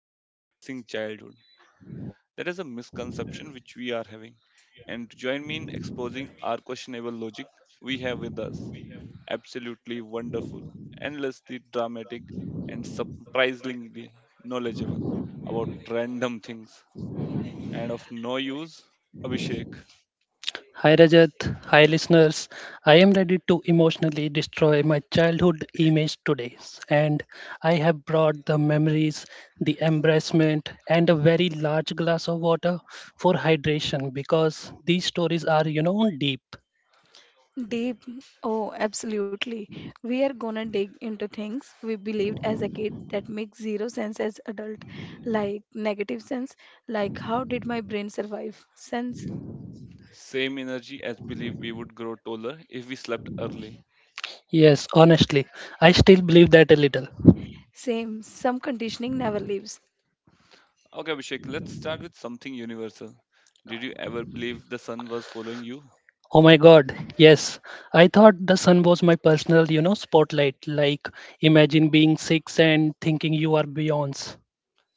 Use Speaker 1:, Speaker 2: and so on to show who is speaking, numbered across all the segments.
Speaker 1: embarrassing childhood. That is a misconception which we are having. And to join me in exposing our questionable logic, we have with us absolutely wonderful, endlessly dramatic, and surprisingly knowledgeable about random things and of no use, Abhishek.
Speaker 2: Hi Rajat, hi listeners. I am ready to emotionally destroy my childhood image today, and I have brought the memories, the embarrassment, and a very large glass of water for hydration because these stories are, deep.
Speaker 1: Same energy as believe we would grow taller if we slept early.
Speaker 2: Yes, honestly, I still believe that a little.
Speaker 1: Okay, Abhishek, let's start with something universal. Did you ever believe the sun was following you?
Speaker 2: Oh my god, yes. I thought the sun was my personal, spotlight. Like, imagine being six and thinking you are Beyonce.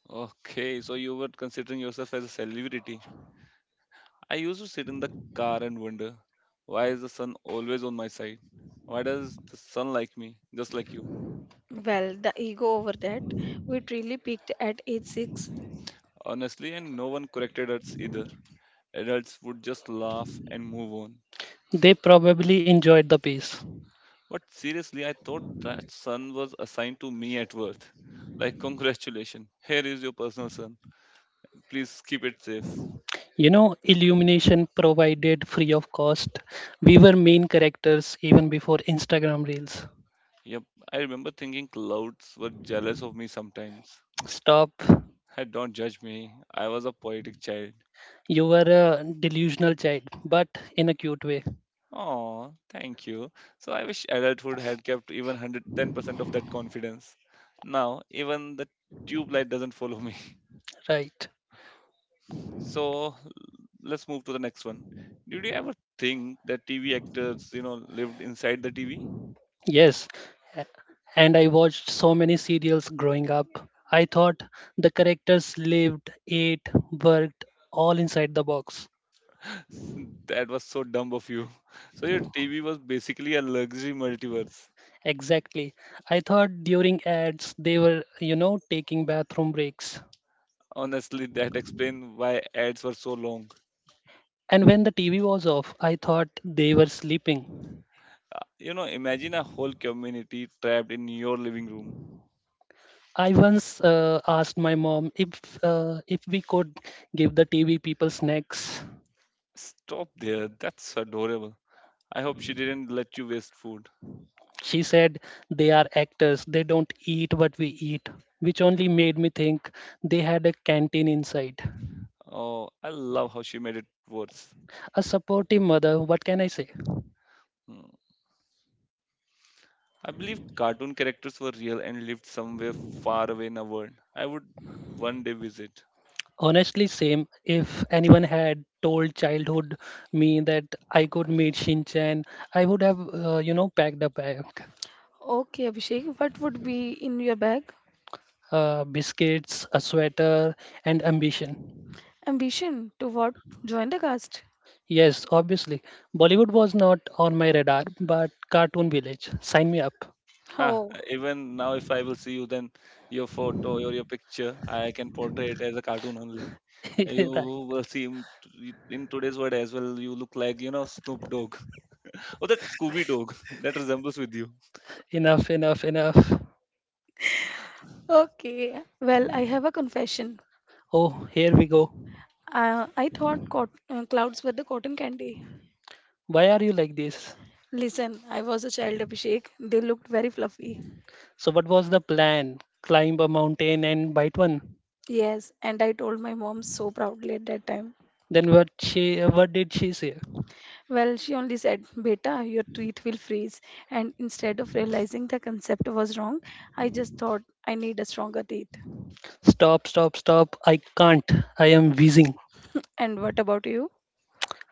Speaker 1: Okay, so you were considering yourself as a celebrity. I used to sit in the car and wonder, why is the sun always on my side? Why does the sun like me, just like you? Honestly, and no one corrected us either. Adults would just laugh and move on.
Speaker 2: They probably enjoyed the piece.
Speaker 1: But seriously, I thought that son was assigned to me at birth. Like, congratulations, here is your personal son. Please keep it safe.
Speaker 2: Illumination provided free of cost. We were main characters even before Instagram Reels.
Speaker 1: Yep, I remember thinking clouds were jealous of me sometimes.
Speaker 2: Stop.
Speaker 1: Hey, don't judge me, I was a poetic child.
Speaker 2: You were a delusional child, but in a cute way.
Speaker 1: Oh, thank you. So I wish adulthood had kept even 110% of that confidence. Now, even the tube light doesn't follow me.
Speaker 2: Right.
Speaker 1: So let's move to the next one. Did you ever think that TV actors, lived inside the TV?
Speaker 2: Yes. A- And I watched so many serials growing up. I thought the characters lived, ate, worked, all inside the box.
Speaker 1: That was so dumb of you. So your TV was basically a luxury multiverse.
Speaker 2: Exactly. I thought during ads they were, taking bathroom breaks.
Speaker 1: Honestly, that explains why ads were so long.
Speaker 2: And when the TV was off, I thought they were sleeping.
Speaker 1: You know, imagine a whole community trapped in your living room.
Speaker 2: I once asked my mom if we could give the TV people snacks.
Speaker 1: Stop there. That's adorable. I hope she didn't let you waste food.
Speaker 2: She said they are actors; they don't eat what we eat, which only made me think they had a canteen inside.
Speaker 1: Oh, I love how she made it worse.
Speaker 2: A supportive mother, what can I say?
Speaker 1: Hmm. I believe cartoon characters were real and lived somewhere far away in a world I would one day visit.
Speaker 2: Honestly, same. If anyone had told childhood me that I could meet Shinchan, I would have, packed a bag, biscuits, a sweater, and ambition. Yes, obviously. Bollywood was not on my radar, but Cartoon Village. Sign me up.
Speaker 1: Ha, even now, if I will see you, then your photo or your picture, I can portray it as a cartoon only. You
Speaker 2: Right.
Speaker 1: will see him in today's world as well. You look like you know Snoop Dogg or that Scooby Dog that resembles with you.
Speaker 2: Enough, enough, enough. Oh, here we go. Why are you like this? So, what was the plan? Climb a mountain and bite one. Then what did she say? Stop, stop, stop. I can't. I am wheezing.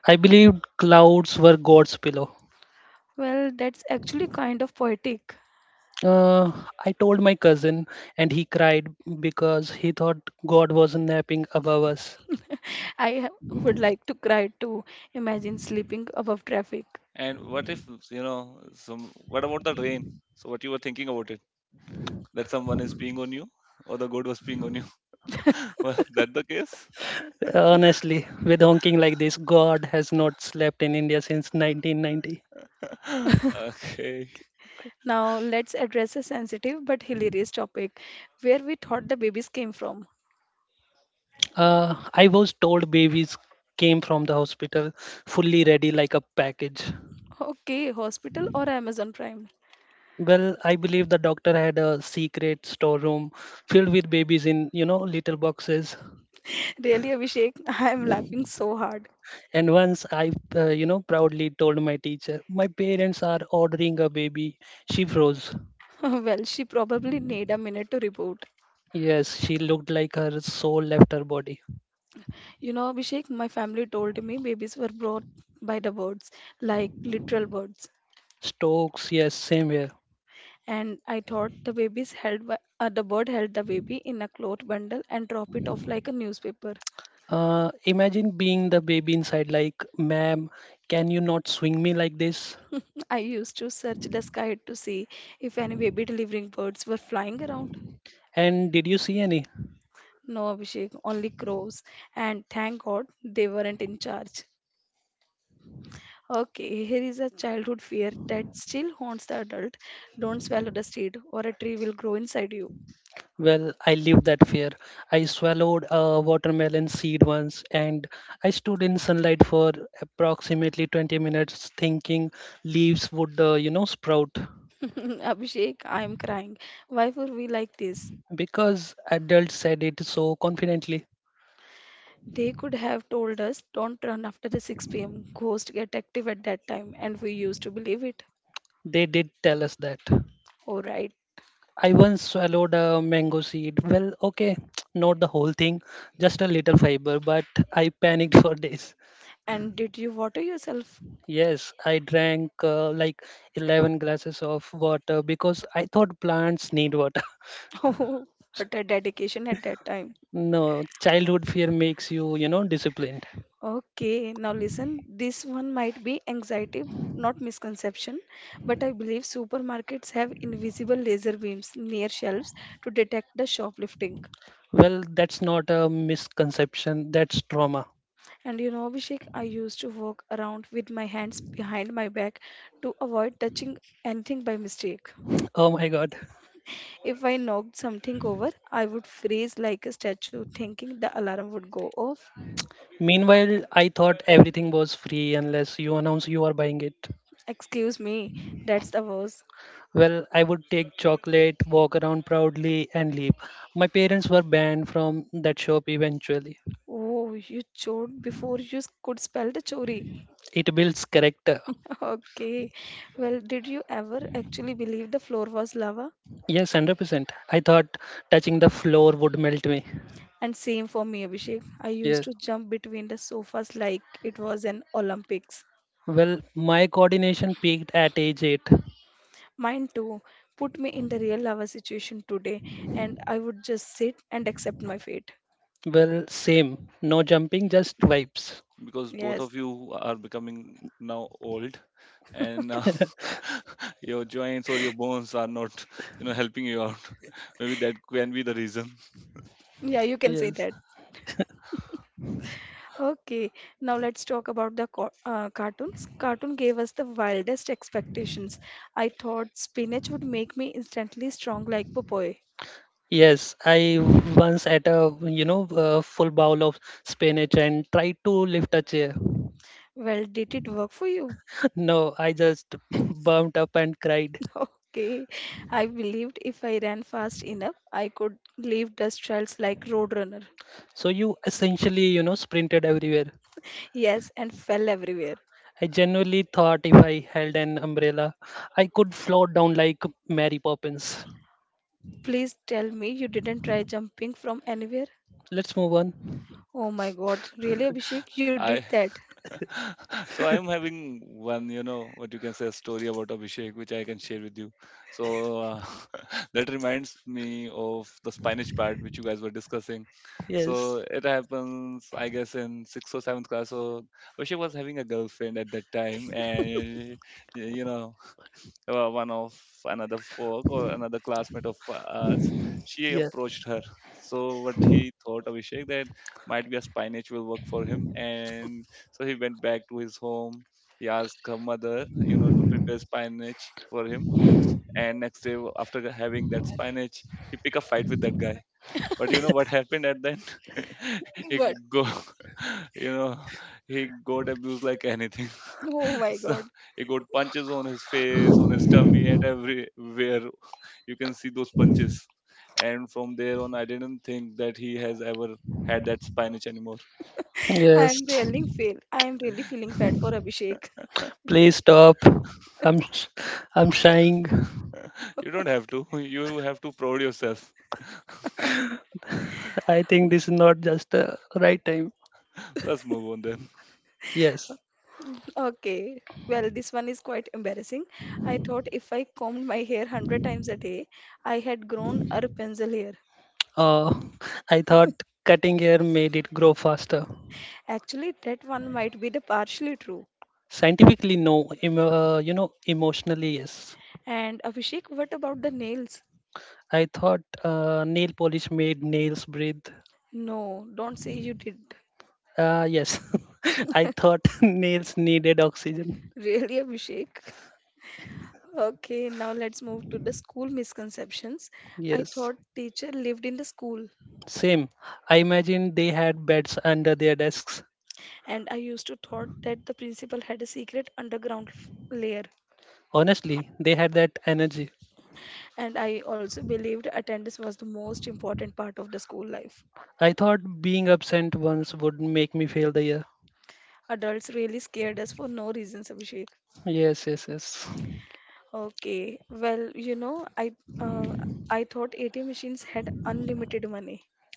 Speaker 2: I believed clouds were God's pillow. Uh, I told my cousin, and he cried because he thought God was napping above us.
Speaker 1: And what if you know some? What about the rain? So what you were thinking about it? That someone is peeing on you, or the goat was peeing on you? Was that the case?
Speaker 2: Honestly, with honking like this, God has not slept in India since 1990.
Speaker 1: Okay,
Speaker 2: I was told babies came from the hospital fully ready like a package. Well, I believe the doctor had a secret storeroom filled with babies in, little boxes. And once I proudly told my teacher, my parents are ordering a baby. She froze. Yes, she looked like her soul left her body. Stokes, yes, same here. Imagine being the baby inside, like, ma'am, can you not swing me like this? And did you see any? Well, I lived that fear. I swallowed a watermelon seed once and I stood in sunlight for approximately 20 minutes thinking leaves would, sprout. Because adults said it so confidently. They did tell us that. I once swallowed a mango seed. Well, okay, not the whole thing, just a little fiber, but I panicked for days. Yes, I drank like 11 glasses of water because I thought plants need water. No, childhood fear makes you, disciplined. Well, that's not a misconception, that's trauma. Oh my god. Meanwhile, I thought everything was free unless you announce you are buying it. Well, I would take chocolate, walk around proudly, and leave. My parents were banned from that shop eventually. It builds character. Yes, 100%. I thought touching the floor would melt me. Yeah. Well, my coordination peaked at age 8. Well, same. No jumping, just vibes.
Speaker 1: because both of you are becoming now old and your joints or your bones are not helping you out. Maybe that can be the reason.
Speaker 2: Yes. Yes, I once ate a full bowl of spinach and tried to lift a chair. No, I just bumped up and cried. So you essentially, sprinted everywhere. I genuinely thought if I held an umbrella, I could float down like Mary Poppins. Let's move on.
Speaker 1: I so I am having one, you know, what you can say, a story about Abhishek, which I can share with you. So that reminds me of the spinach pad, which you guys were discussing.
Speaker 2: Yes.
Speaker 1: So it happens, I guess, in sixth or seventh class. So Abhishek was having a girlfriend at that time, and you know, one of another folk or another classmate of us, she
Speaker 2: Yeah.
Speaker 1: approached her. So what he thought Abhishek that might be a spy niche will work for him, and so he went back to his home. He asked her mother, to prepare spy niche for him. And next day, after having that spy niche, he pick a fight with that guy. But you know what happened at the end? He go, you know, he got abused like anything. So he got punches on his face, on his tummy, at everywhere. You can see those punches. And from there on, I didn't think that he has ever had that spinach anymore.
Speaker 2: Yes. Please stop. I'm sh- I'm shying.
Speaker 1: You don't have to. You have to proud yourself.
Speaker 2: I think this is not just the right time.
Speaker 1: Let's move on then.
Speaker 2: Yes. Uh, I thought cutting hair made it grow faster. Scientifically, no. Emotionally, yes. I thought nail polish made nails breathe. Yes. I thought nails needed oxygen. Yes. Same. I imagine they had beds under their desks. Honestly, they had that energy. I thought being absent once would make me fail the year. Yes, yes, yes.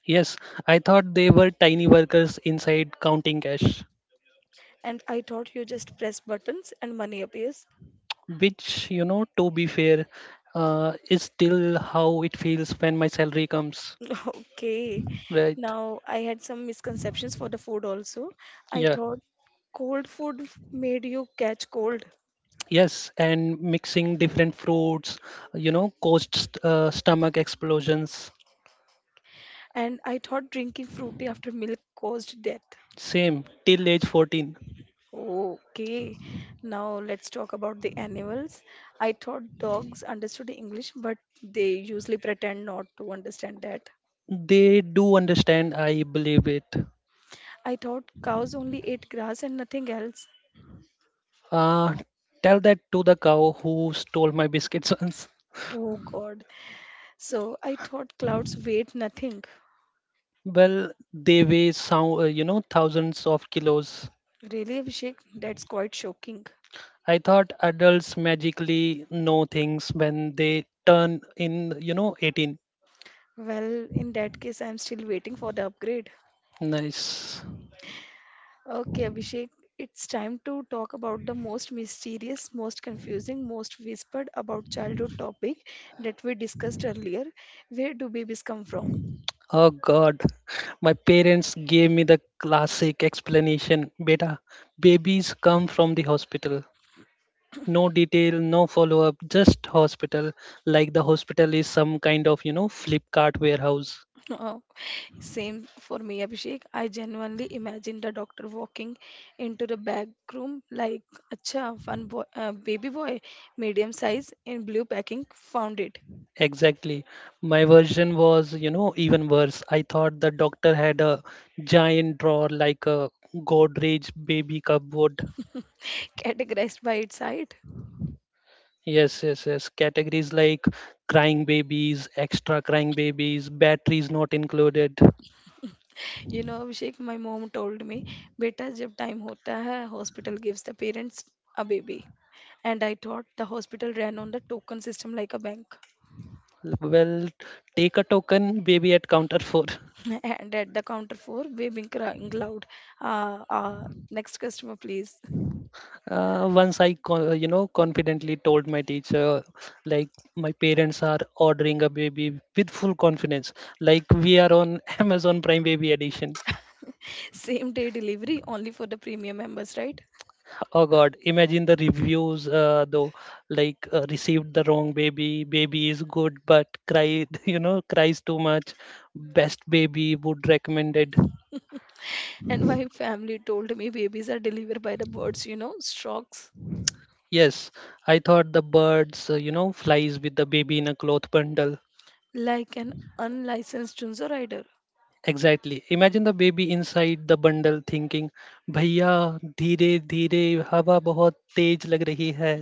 Speaker 2: Yes, I thought they were tiny workers inside counting cash, which, to be fair, is still how it feels when my salary comes, right? Yeah, yes, and mixing different fruits, caused stomach explosions. Same till age 14. They do understand, I believe it. Uh, Tell that to the cow who stole my biscuits once. Well, they weigh sound, thousands of kilos. I thought adults magically know things when they turn in, 18. Nice. Oh God, my parents gave me the classic explanation, beta, babies come from the hospital. No detail, no follow-up, just hospital, like the hospital is some kind of, flip cart warehouse. Exactly. My version was, even worse. I thought the doctor had a giant drawer like a Godrej baby cupboard. Yes, yes, yes. Categories like crying babies, extra crying babies, batteries not included. Well, take a token, baby at counter four. Once I, confidently told my teacher, like my parents are ordering a baby with full confidence, like we are on Amazon Prime Baby Edition. Oh God, imagine the reviews though, like received the wrong baby, baby is good but cry, cries too much, best baby would recommended. Yes, I thought the birds, flies with the baby in a cloth bundle. Exactly. Imagine the baby inside the bundle thinking, भैया धीरे धीरे हवा बहुत तेज लग रही है.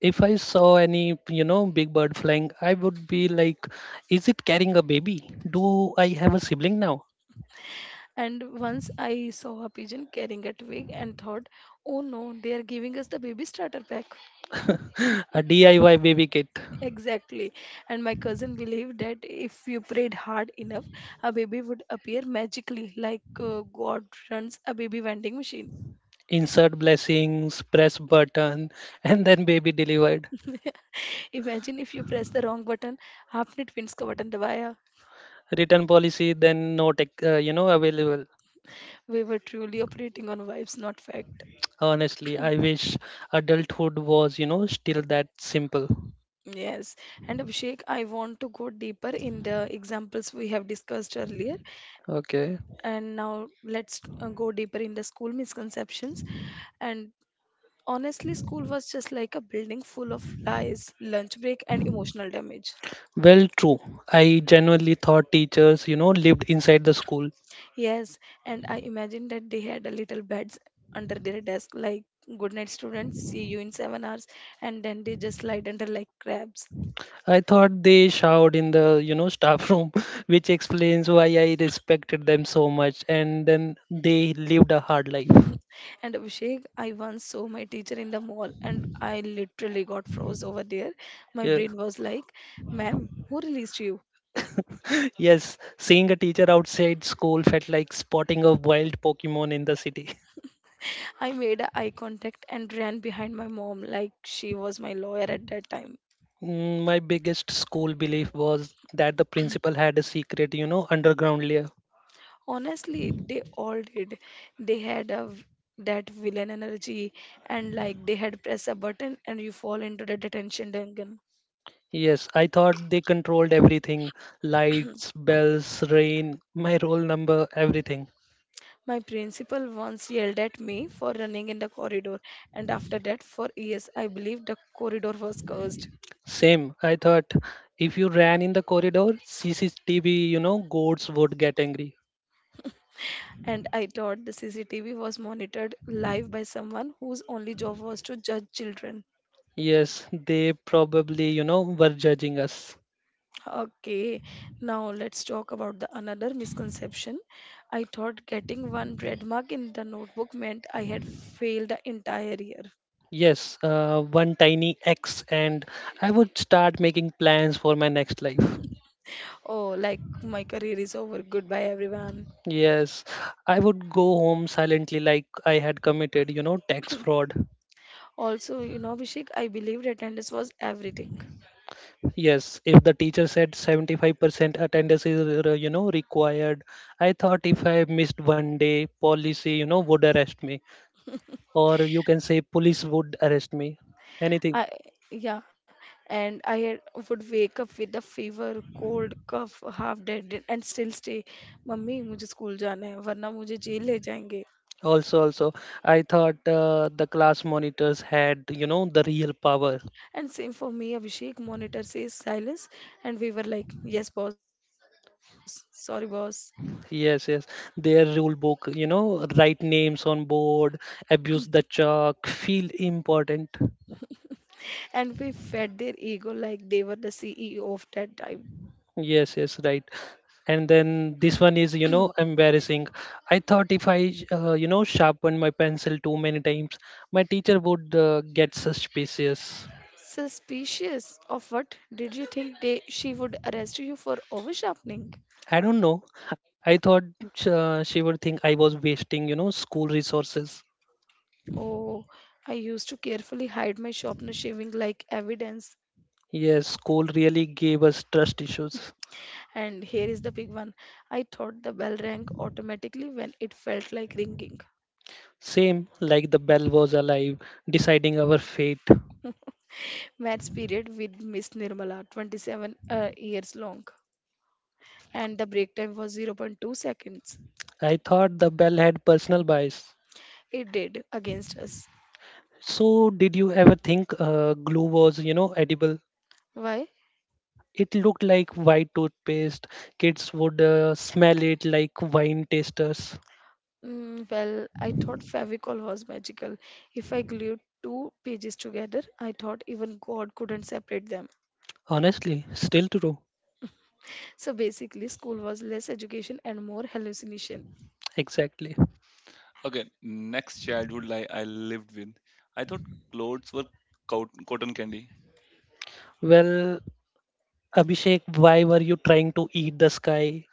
Speaker 2: If I saw any, big bird flying, I would be like, is it carrying a baby? Do I have a sibling now? A DIY baby kit. Insert blessings, press button, and then baby delivered. Return policy, then no tech, available. Honestly, I wish adulthood was, still that simple. Okay. Well, true. I genuinely thought teachers, lived inside the school. I thought they showered in the, staff room, which explains why I respected them so much. And then they lived a hard life. Yeah. Yes, seeing a teacher outside school felt like spotting a wild Pokemon in the city. My biggest school belief was that the principal had a secret, underground lair. Yes, I thought they controlled everything: lights, bells, rain, my roll number, everything. Same, I thought if you ran in the corridor, CCTV, goats would get angry. Yes, they probably, were judging us. Yes, one tiny X, and I would start making plans for my next life. Yes, I would go home silently like I had committed, tax fraud. Yes, if the teacher said 75% attendance is, required, I thought if I missed one day, policy, would arrest me, or you can say police would arrest me, anything. Also, I thought the class monitors had, the real power. Yes, yes, their rule book, write names on board, abuse the chalk, feel important. Yes, yes, right. And then this one is, embarrassing. I thought if I, sharpen my pencil too many times, my teacher would get suspicious. I don't know. I thought she would think I was wasting, school resources. Yes, school really gave us trust issues. Same, like the bell was alive, deciding our fate. I thought the bell had personal bias. So, did you ever think glue was, edible? It looked like white toothpaste. Kids would smell it like wine tasters. Honestly, still true. Exactly.
Speaker 1: Okay, next childhood lie I lived with. I thought clothes were cotton candy
Speaker 2: Well, Abhishek, why were you trying to eat the sky?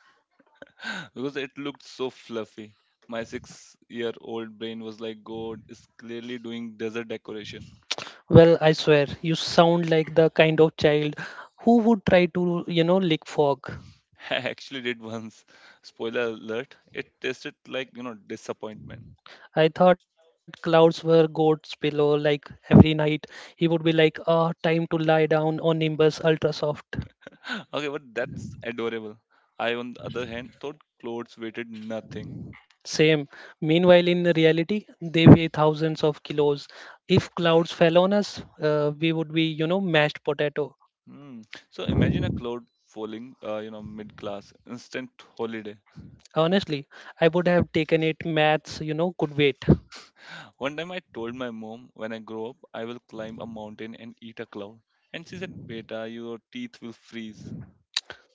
Speaker 1: because it looked so fluffy. My 6-year-old old brain was like, God is clearly doing desert decoration.
Speaker 2: Well, I swear, you sound like the kind of child who would try to, lick fog.
Speaker 1: I actually did once. Spoiler alert. It tasted like disappointment.
Speaker 2: I thought clouds were God's pillow, like every night he would be like, ah, time to lie down on Nimbus Ultra Soft.
Speaker 1: Okay, but that's adorable. I, on the other hand, thought clothes weighted nothing.
Speaker 2: Same. Meanwhile, in reality, they weigh thousands of kilos. If clouds fell on us, we would be, mashed potato.
Speaker 1: Hmm. So imagine a cloud falling, mid class, instant holiday.
Speaker 2: Honestly, I would have taken it, maths, could wait.
Speaker 1: One time I told my mom, when I grow up, I will climb a mountain and eat a cloud. And she said, Beta, your teeth will freeze.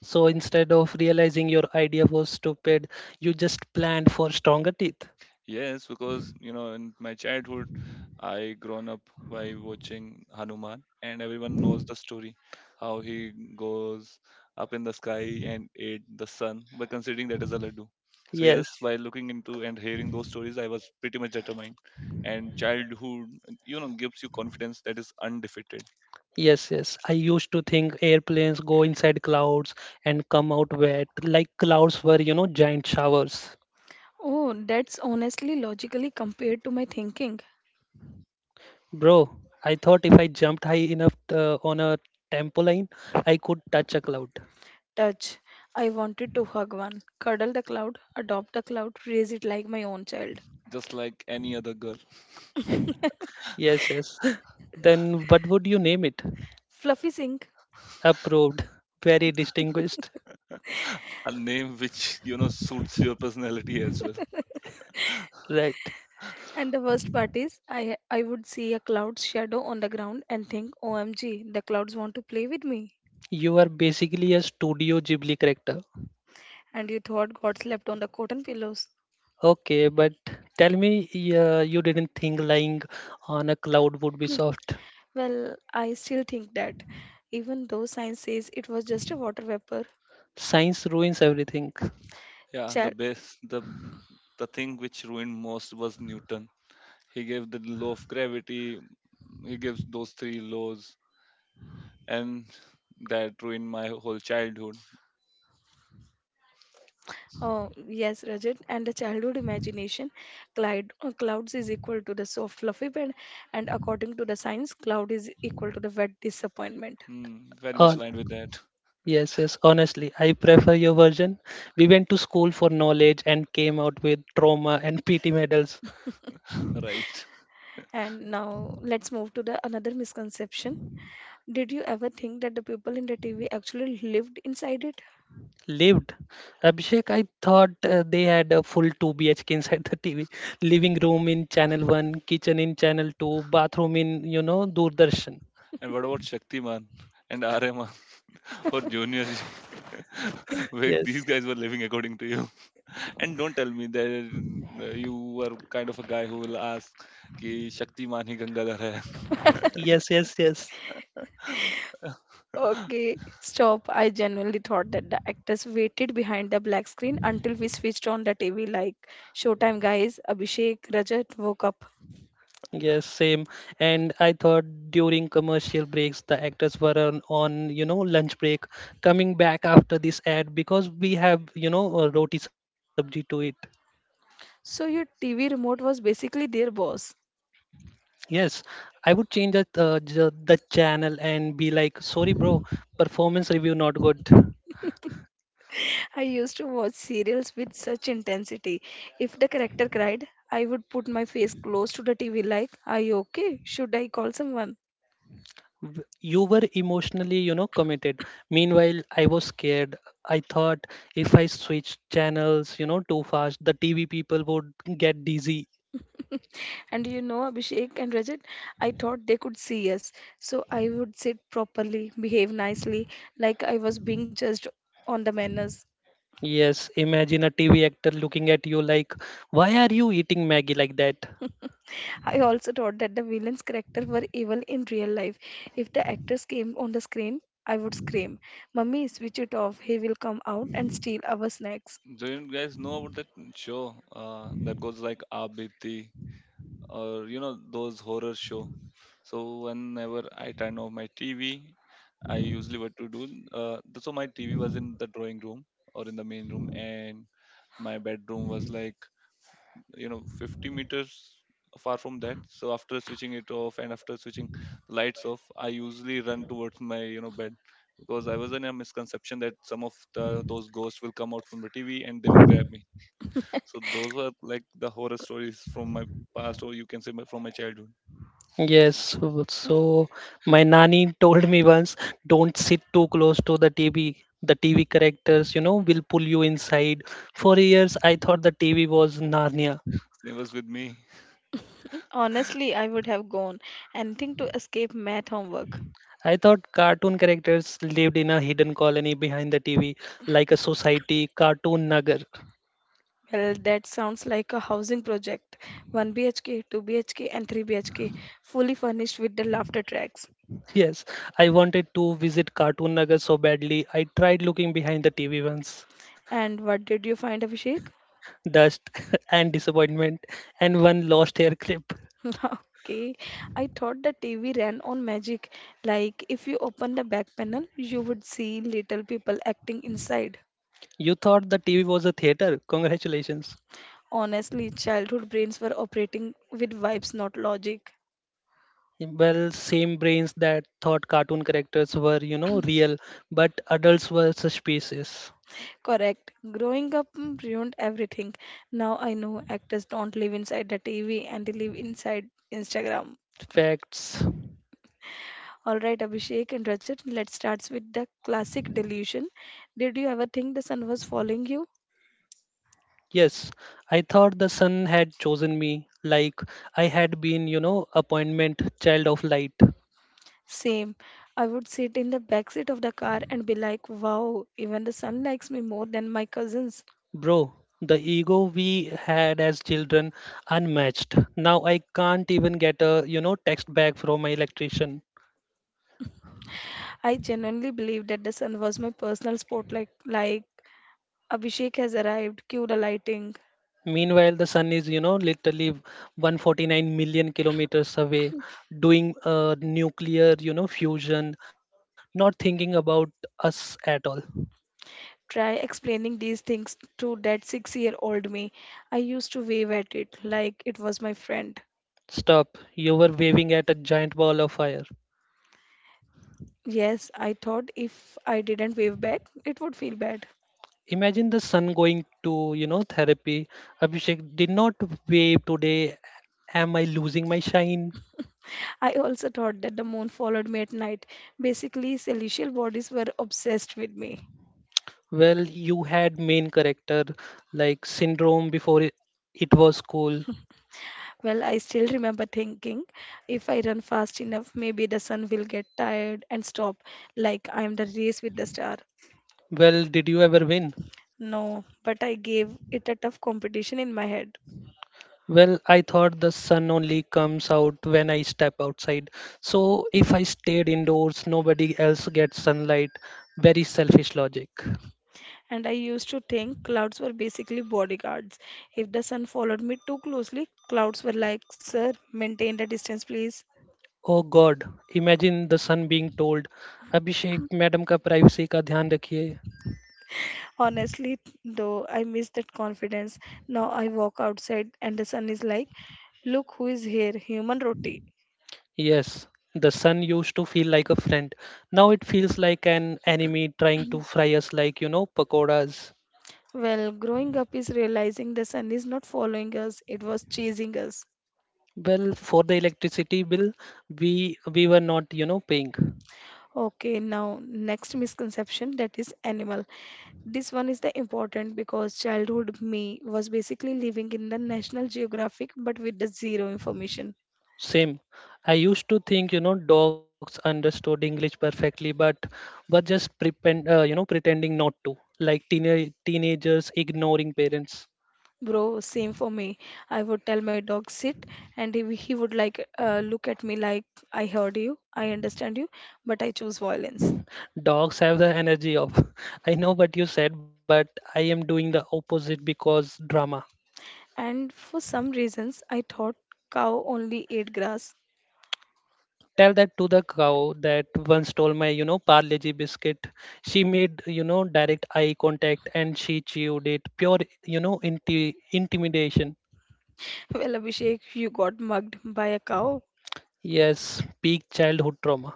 Speaker 2: So instead of realizing your idea was stupid, you just planned for stronger teeth.
Speaker 1: Yes, because you know, in my childhood, I grown up by watching Hanuman, and everyone knows the story, how he goes up in the sky and ate the sun by considering that as a laddu. So yes,
Speaker 2: Yes.
Speaker 1: while looking into and hearing those stories, I was pretty much determined. And childhood, you know, gives you confidence that is undefeated,
Speaker 2: Yes, yes. I used to think airplanes go inside clouds and come out wet, like clouds were, giant showers. Bro, I thought if I jumped high enough on a tempoline, I could touch a cloud.
Speaker 1: just like any other girl,
Speaker 2: Yes, yes. Then what would you name it? Approved. Very distinguished.
Speaker 1: a name which suits your personality as well.
Speaker 2: Right. You are basically a Studio Ghibli character. Okay, but tell me you didn't think lying on a cloud would be soft. Science ruins everything.
Speaker 1: Yeah, the best, the thing which ruined most was Newton. He gave the law of gravity. He gives those three laws, and that ruined my whole childhood. Hmm, very much
Speaker 2: Uh,
Speaker 1: aligned with that,
Speaker 2: Yes, yes, honestly, I prefer your version. We went to school for knowledge and came out with trauma and PT medals.
Speaker 1: right?
Speaker 2: Lived. Abhishek, I thought they had a full 2 BHK inside the TV. Living room in channel 1, kitchen in channel 2, bathroom in, Doordarshan.
Speaker 1: And what about Shaktiman and Ahriman or Junior G? Where these
Speaker 2: Yes,
Speaker 1: guys were living according to you. And don't tell me that you were kind of a guy who will ask कि शक्तिमान ही गंगाधर है.
Speaker 2: yes, yes, yes. Yes, same. And I thought during commercial breaks, the actors were on lunch break, coming back after this ad because we have, a roti sabji to eat. Yes, I would change the the channel and be like, sorry, bro, performance review not good. You were emotionally, committed. Meanwhile, I was scared. I thought if I switched channels, too fast, the TV people would get dizzy. Yes, imagine a TV actor looking at you like, why are you eating Maggie like that?
Speaker 1: Do you guys know about that show that goes like Abiti? Or you know those horror show. So whenever I turn off my TV, I usually what to do. So my TV was in the drawing room or in the main room, and my bedroom was like you know 50 meters far from that. So after switching it off and after switching the lights off, I usually run towards my bed because I was in a misconception that some of the those ghosts will come out from the TV and they will grab me. So those were like the horror stories from my past, or you can say my, from my childhood.
Speaker 2: Yes, so my nanny told me once, don't sit too close to the TV. The TV characters, will pull you inside. For years, I thought the TV was Narnia.
Speaker 1: Same was with me.
Speaker 2: I thought cartoon characters lived in a hidden colony behind the TV, like a society, Cartoon Nagar. Yes, I wanted to visit Cartoon Nagar so badly. I tried looking behind the TV once. Dust and disappointment, and one lost hair clip. You thought the TV was a theater. Congratulations. Well, same brains that thought cartoon characters were, real, but adults were suspicious. Facts. Yes, I thought the sun had chosen me, like I had been, appointment child of light. Bro, the ego we had as children unmatched. Now I can't even get a, text back from my electrician. Meanwhile, the sun is, literally 149 million kilometers away, doing nuclear, fusion, not thinking about us at all. Stop. You were waving at a giant ball of fire. Imagine the sun going to, therapy. Abhishek did not wave today. Am I losing my shine? Well, you had main character like syndrome before it was cool. Well, did you ever win? Well, I thought the sun only comes out when I step outside. So if I stayed indoors, nobody else gets sunlight. Very selfish logic. Oh God, imagine the sun being told, Abhishek, madam का privacy का ध्यान रखिए. Yes, the sun used to feel like a friend. Now it feels like an enemy trying to fry us like, pakoras. Well, for the electricity bill, we were not, paying. Same. I used to think, dogs understood English perfectly, but were just pretend, pretending not to, like teenage teenagers ignoring parents. Dogs have the energy of, I know what you said, but I am doing the opposite because drama. Tell that to the cow that once stole my, Parleji biscuit. She made, direct eye contact and she chewed it. Pure, intimidation. Yes, peak childhood trauma.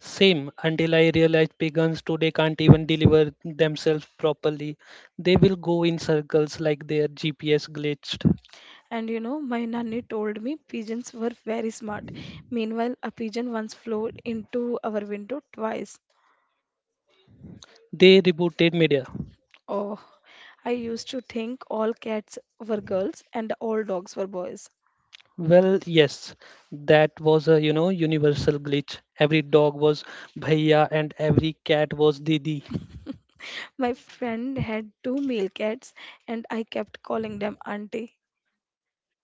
Speaker 2: Same until I realize pagans today can't even deliver themselves properly. They will go in circles like their GPS glitched. They rebooted media. Well, yes, that was a universal glitch. Every dog was bhaiya and every cat was didi.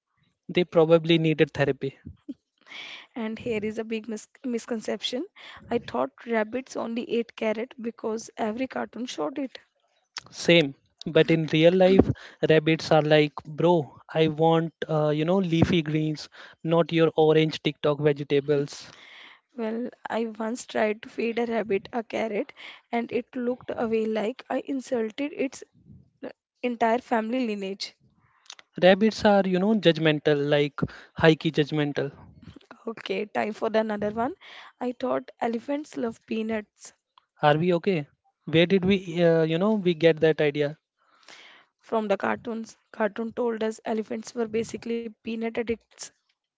Speaker 2: They probably needed therapy. Same, but in real life, rabbits are like, bro, I want leafy greens, not your orange TikTok vegetables. Rabbits are, judgmental, like high key judgmental. Are we okay? Where did we get that idea?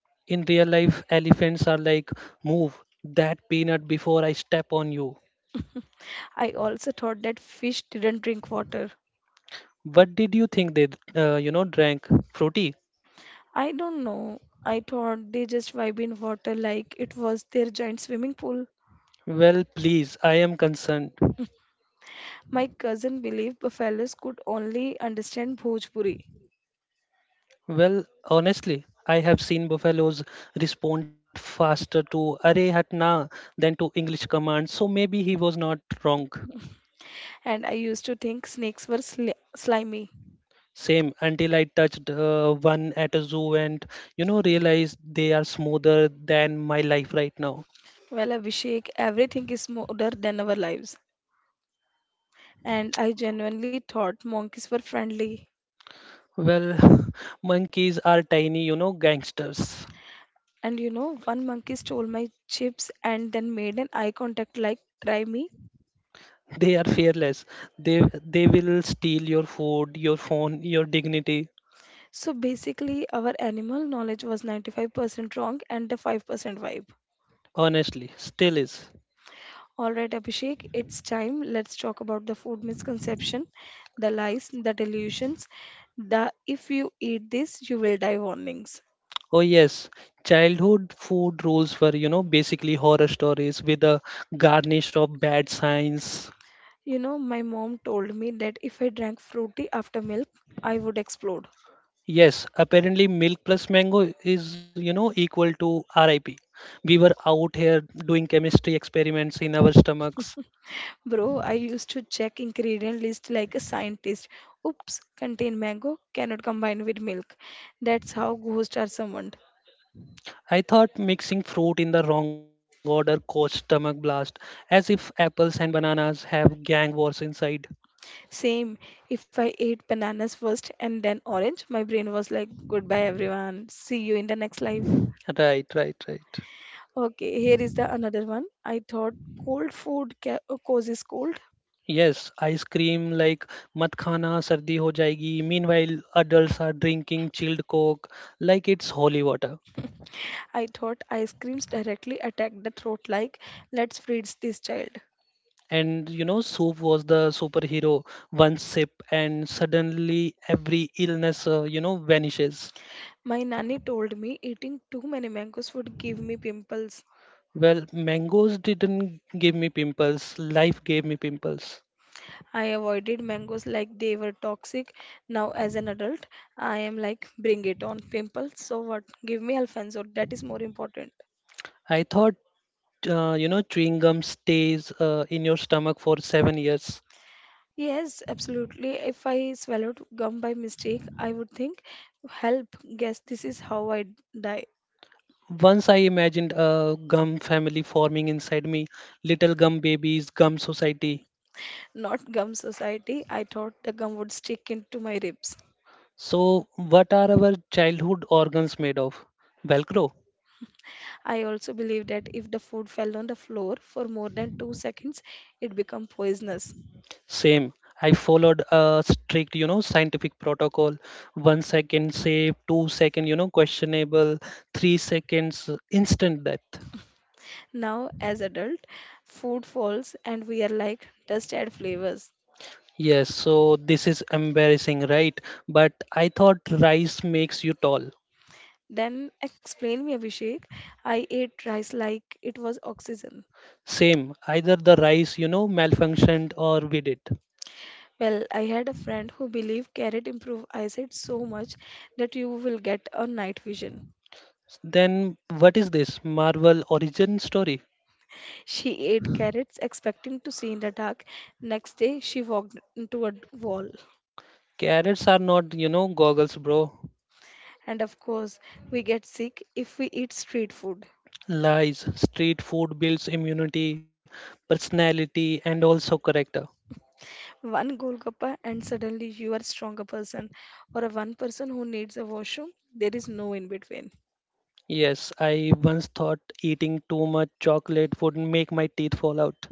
Speaker 2: In real life, elephants are like, move that peanut before I step on you. What did you think they, drank? Fruity? Well, please, I am concerned. Well, honestly, I have seen buffaloes respond faster to "Arey hatna" than to English commands, so maybe he was not wrong. Same until I touched one at a zoo and realized they are smoother than my life right now. Well, monkeys are tiny, gangsters. They are fearless. They they will steal your food, your phone, your dignity. Honestly, still is. Oh yes, childhood food rules were, basically horror stories with a garnish of bad science. Yes, apparently milk plus mango is, equal to RIP. We were out here doing chemistry experiments in our stomachs. I thought mixing fruit in the wrong order caused stomach blast, as if apples and bananas have gang wars inside. Right, right, right. Yes, ice cream like mat khana sardi ho jayegi. Meanwhile, adults are drinking chilled coke like it's holy water. And Soup was the superhero. One sip, and suddenly every illness, vanishes. Well, mangoes didn't give me pimples. Life gave me pimples. I thought, chewing gum stays in your stomach for 7 years. Once I imagined a gum family forming inside me, little gum babies, gum society. So, what are our childhood organs made of? Velcro. Same. I followed a strict, scientific protocol. 1 second save, 2 second, questionable, 3 seconds instant death. Yes, so this is embarrassing, right? But I thought rice makes you tall. Same, either the rice, malfunctioned or we did. Then what is this? Marvel origin story? Carrots are not, goggles, bro. Lies, street food builds immunity, personality, and also character. Yes, I once thought eating too much chocolate would make my teeth fall out.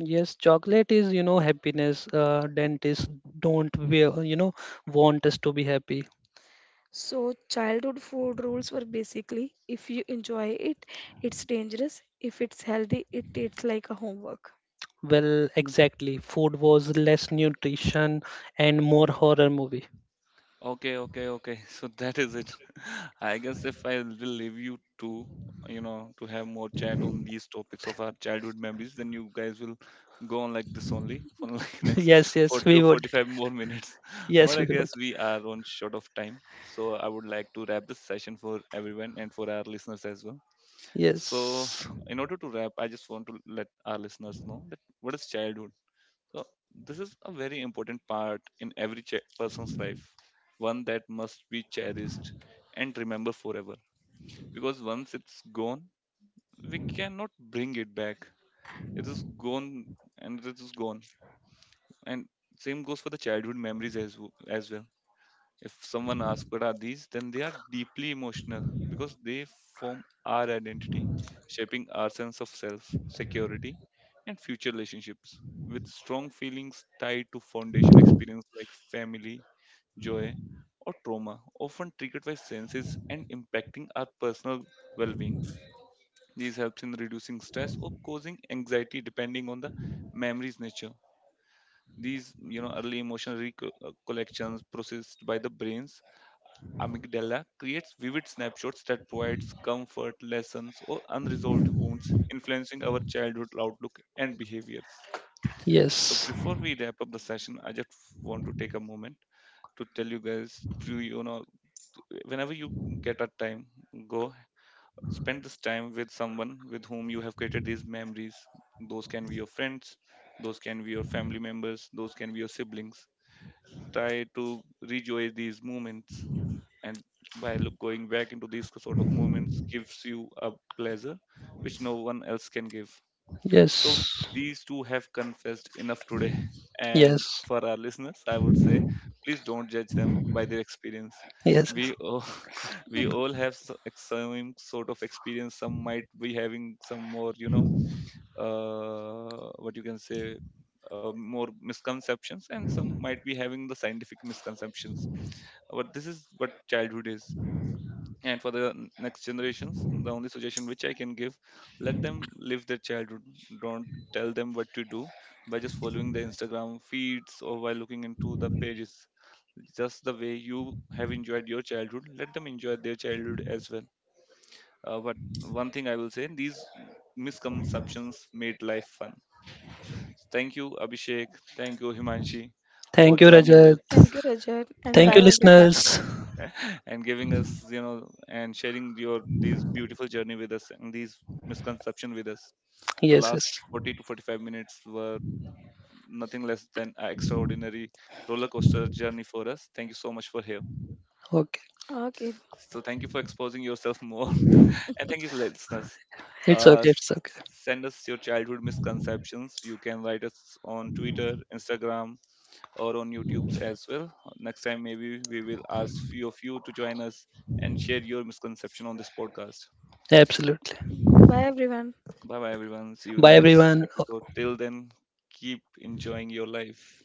Speaker 2: Yes, chocolate is, happiness. Dentists don't want us to be happy. Well, exactly. Food was less nutrition and more horror movie.
Speaker 1: Okay, okay, okay. So that is it. I guess if I will leave you to to have more chat on these topics of our childhood memories, then you guys will go on like this only for like next
Speaker 2: Yes, yes,
Speaker 1: 40
Speaker 2: we
Speaker 1: or
Speaker 2: would.
Speaker 1: 45 more minutes. But
Speaker 2: Yes,
Speaker 1: I
Speaker 2: we would.
Speaker 1: guess we are on short of time. So I would like to wrap this session for everyone and for our listeners as well. So,
Speaker 2: Yes,
Speaker 1: in order to wrap, I just want to let our listeners know that what is childhood. So, this is a very important part in every person's life, one that must be cherished and remembered forever. Because once it's gone, we cannot bring it back. It is gone, and it is gone. And same goes for the childhood memories as as well. If someone asks what are these, then they are deeply emotional because they form our identity, shaping our sense of self, security, and future relationships. With strong feelings tied to foundation experience like family, joy, or trauma, often triggered by senses and impacting our personal well-being. These helps in reducing stress or causing anxiety depending on the memory's nature. These early emotional recollections processed by the brains amygdala creates vivid snapshots that provides comfort, lessons, or unresolved wounds, influencing our childhood outlook and behaviors. So
Speaker 2: yes,
Speaker 1: before we wrap up the session, I just want to take a moment to tell you guys to whenever you get a time, go spend this time with someone with whom you have created these memories. Those can be your friends, those can be your family members, those can be your siblings. Try to rejoice these moments and by look, going back into these sort of moments gives you a pleasure which no one else can give. So
Speaker 2: yes,
Speaker 1: these two have confessed enough today, and
Speaker 2: yes,
Speaker 1: for our listeners I would say please don't judge them by their experience.
Speaker 2: yes.
Speaker 1: We all, we all have some sort of experience. Some might be having some more you know what you can say more misconceptions and some might be having the scientific misconceptions, but this is what childhood is. And for the next generations, the only suggestion which I can give: let them live their childhood. Don't tell them what to do by just following the Instagram feeds or by looking into the pages. Just the way you have enjoyed your childhood, let them enjoy their childhood as well. Uh, but one thing I will say, these misconceptions made life fun. Thank you, Abhishek. Thank you, Himanshi, for
Speaker 2: Thank you,
Speaker 1: joining
Speaker 2: Rajat.
Speaker 1: us,
Speaker 2: Thank you,
Speaker 1: and
Speaker 2: listeners.
Speaker 1: and giving us and sharing your these beautiful journey with us and these misconception with us. The
Speaker 2: Yes, yes.
Speaker 1: last 40 to 45 minutes were nothing less than an extraordinary roller coaster journey for us. Thank you so much for here.
Speaker 2: Okay.
Speaker 1: So thank you for exposing yourself more. And thank you listeners.
Speaker 2: It's
Speaker 1: uh,
Speaker 2: okay.
Speaker 1: s-
Speaker 2: It's okay.
Speaker 1: Send us your childhood misconceptions. You can write us on Twitter, Instagram, or on YouTube as well. Next time, maybe we will ask few of you to join us and share your misconception on this podcast.
Speaker 2: Absolutely.
Speaker 1: Bye bye, everyone. See you in
Speaker 2: Bye,
Speaker 1: the next
Speaker 2: everyone.
Speaker 1: episode. Till then, keep enjoying your life.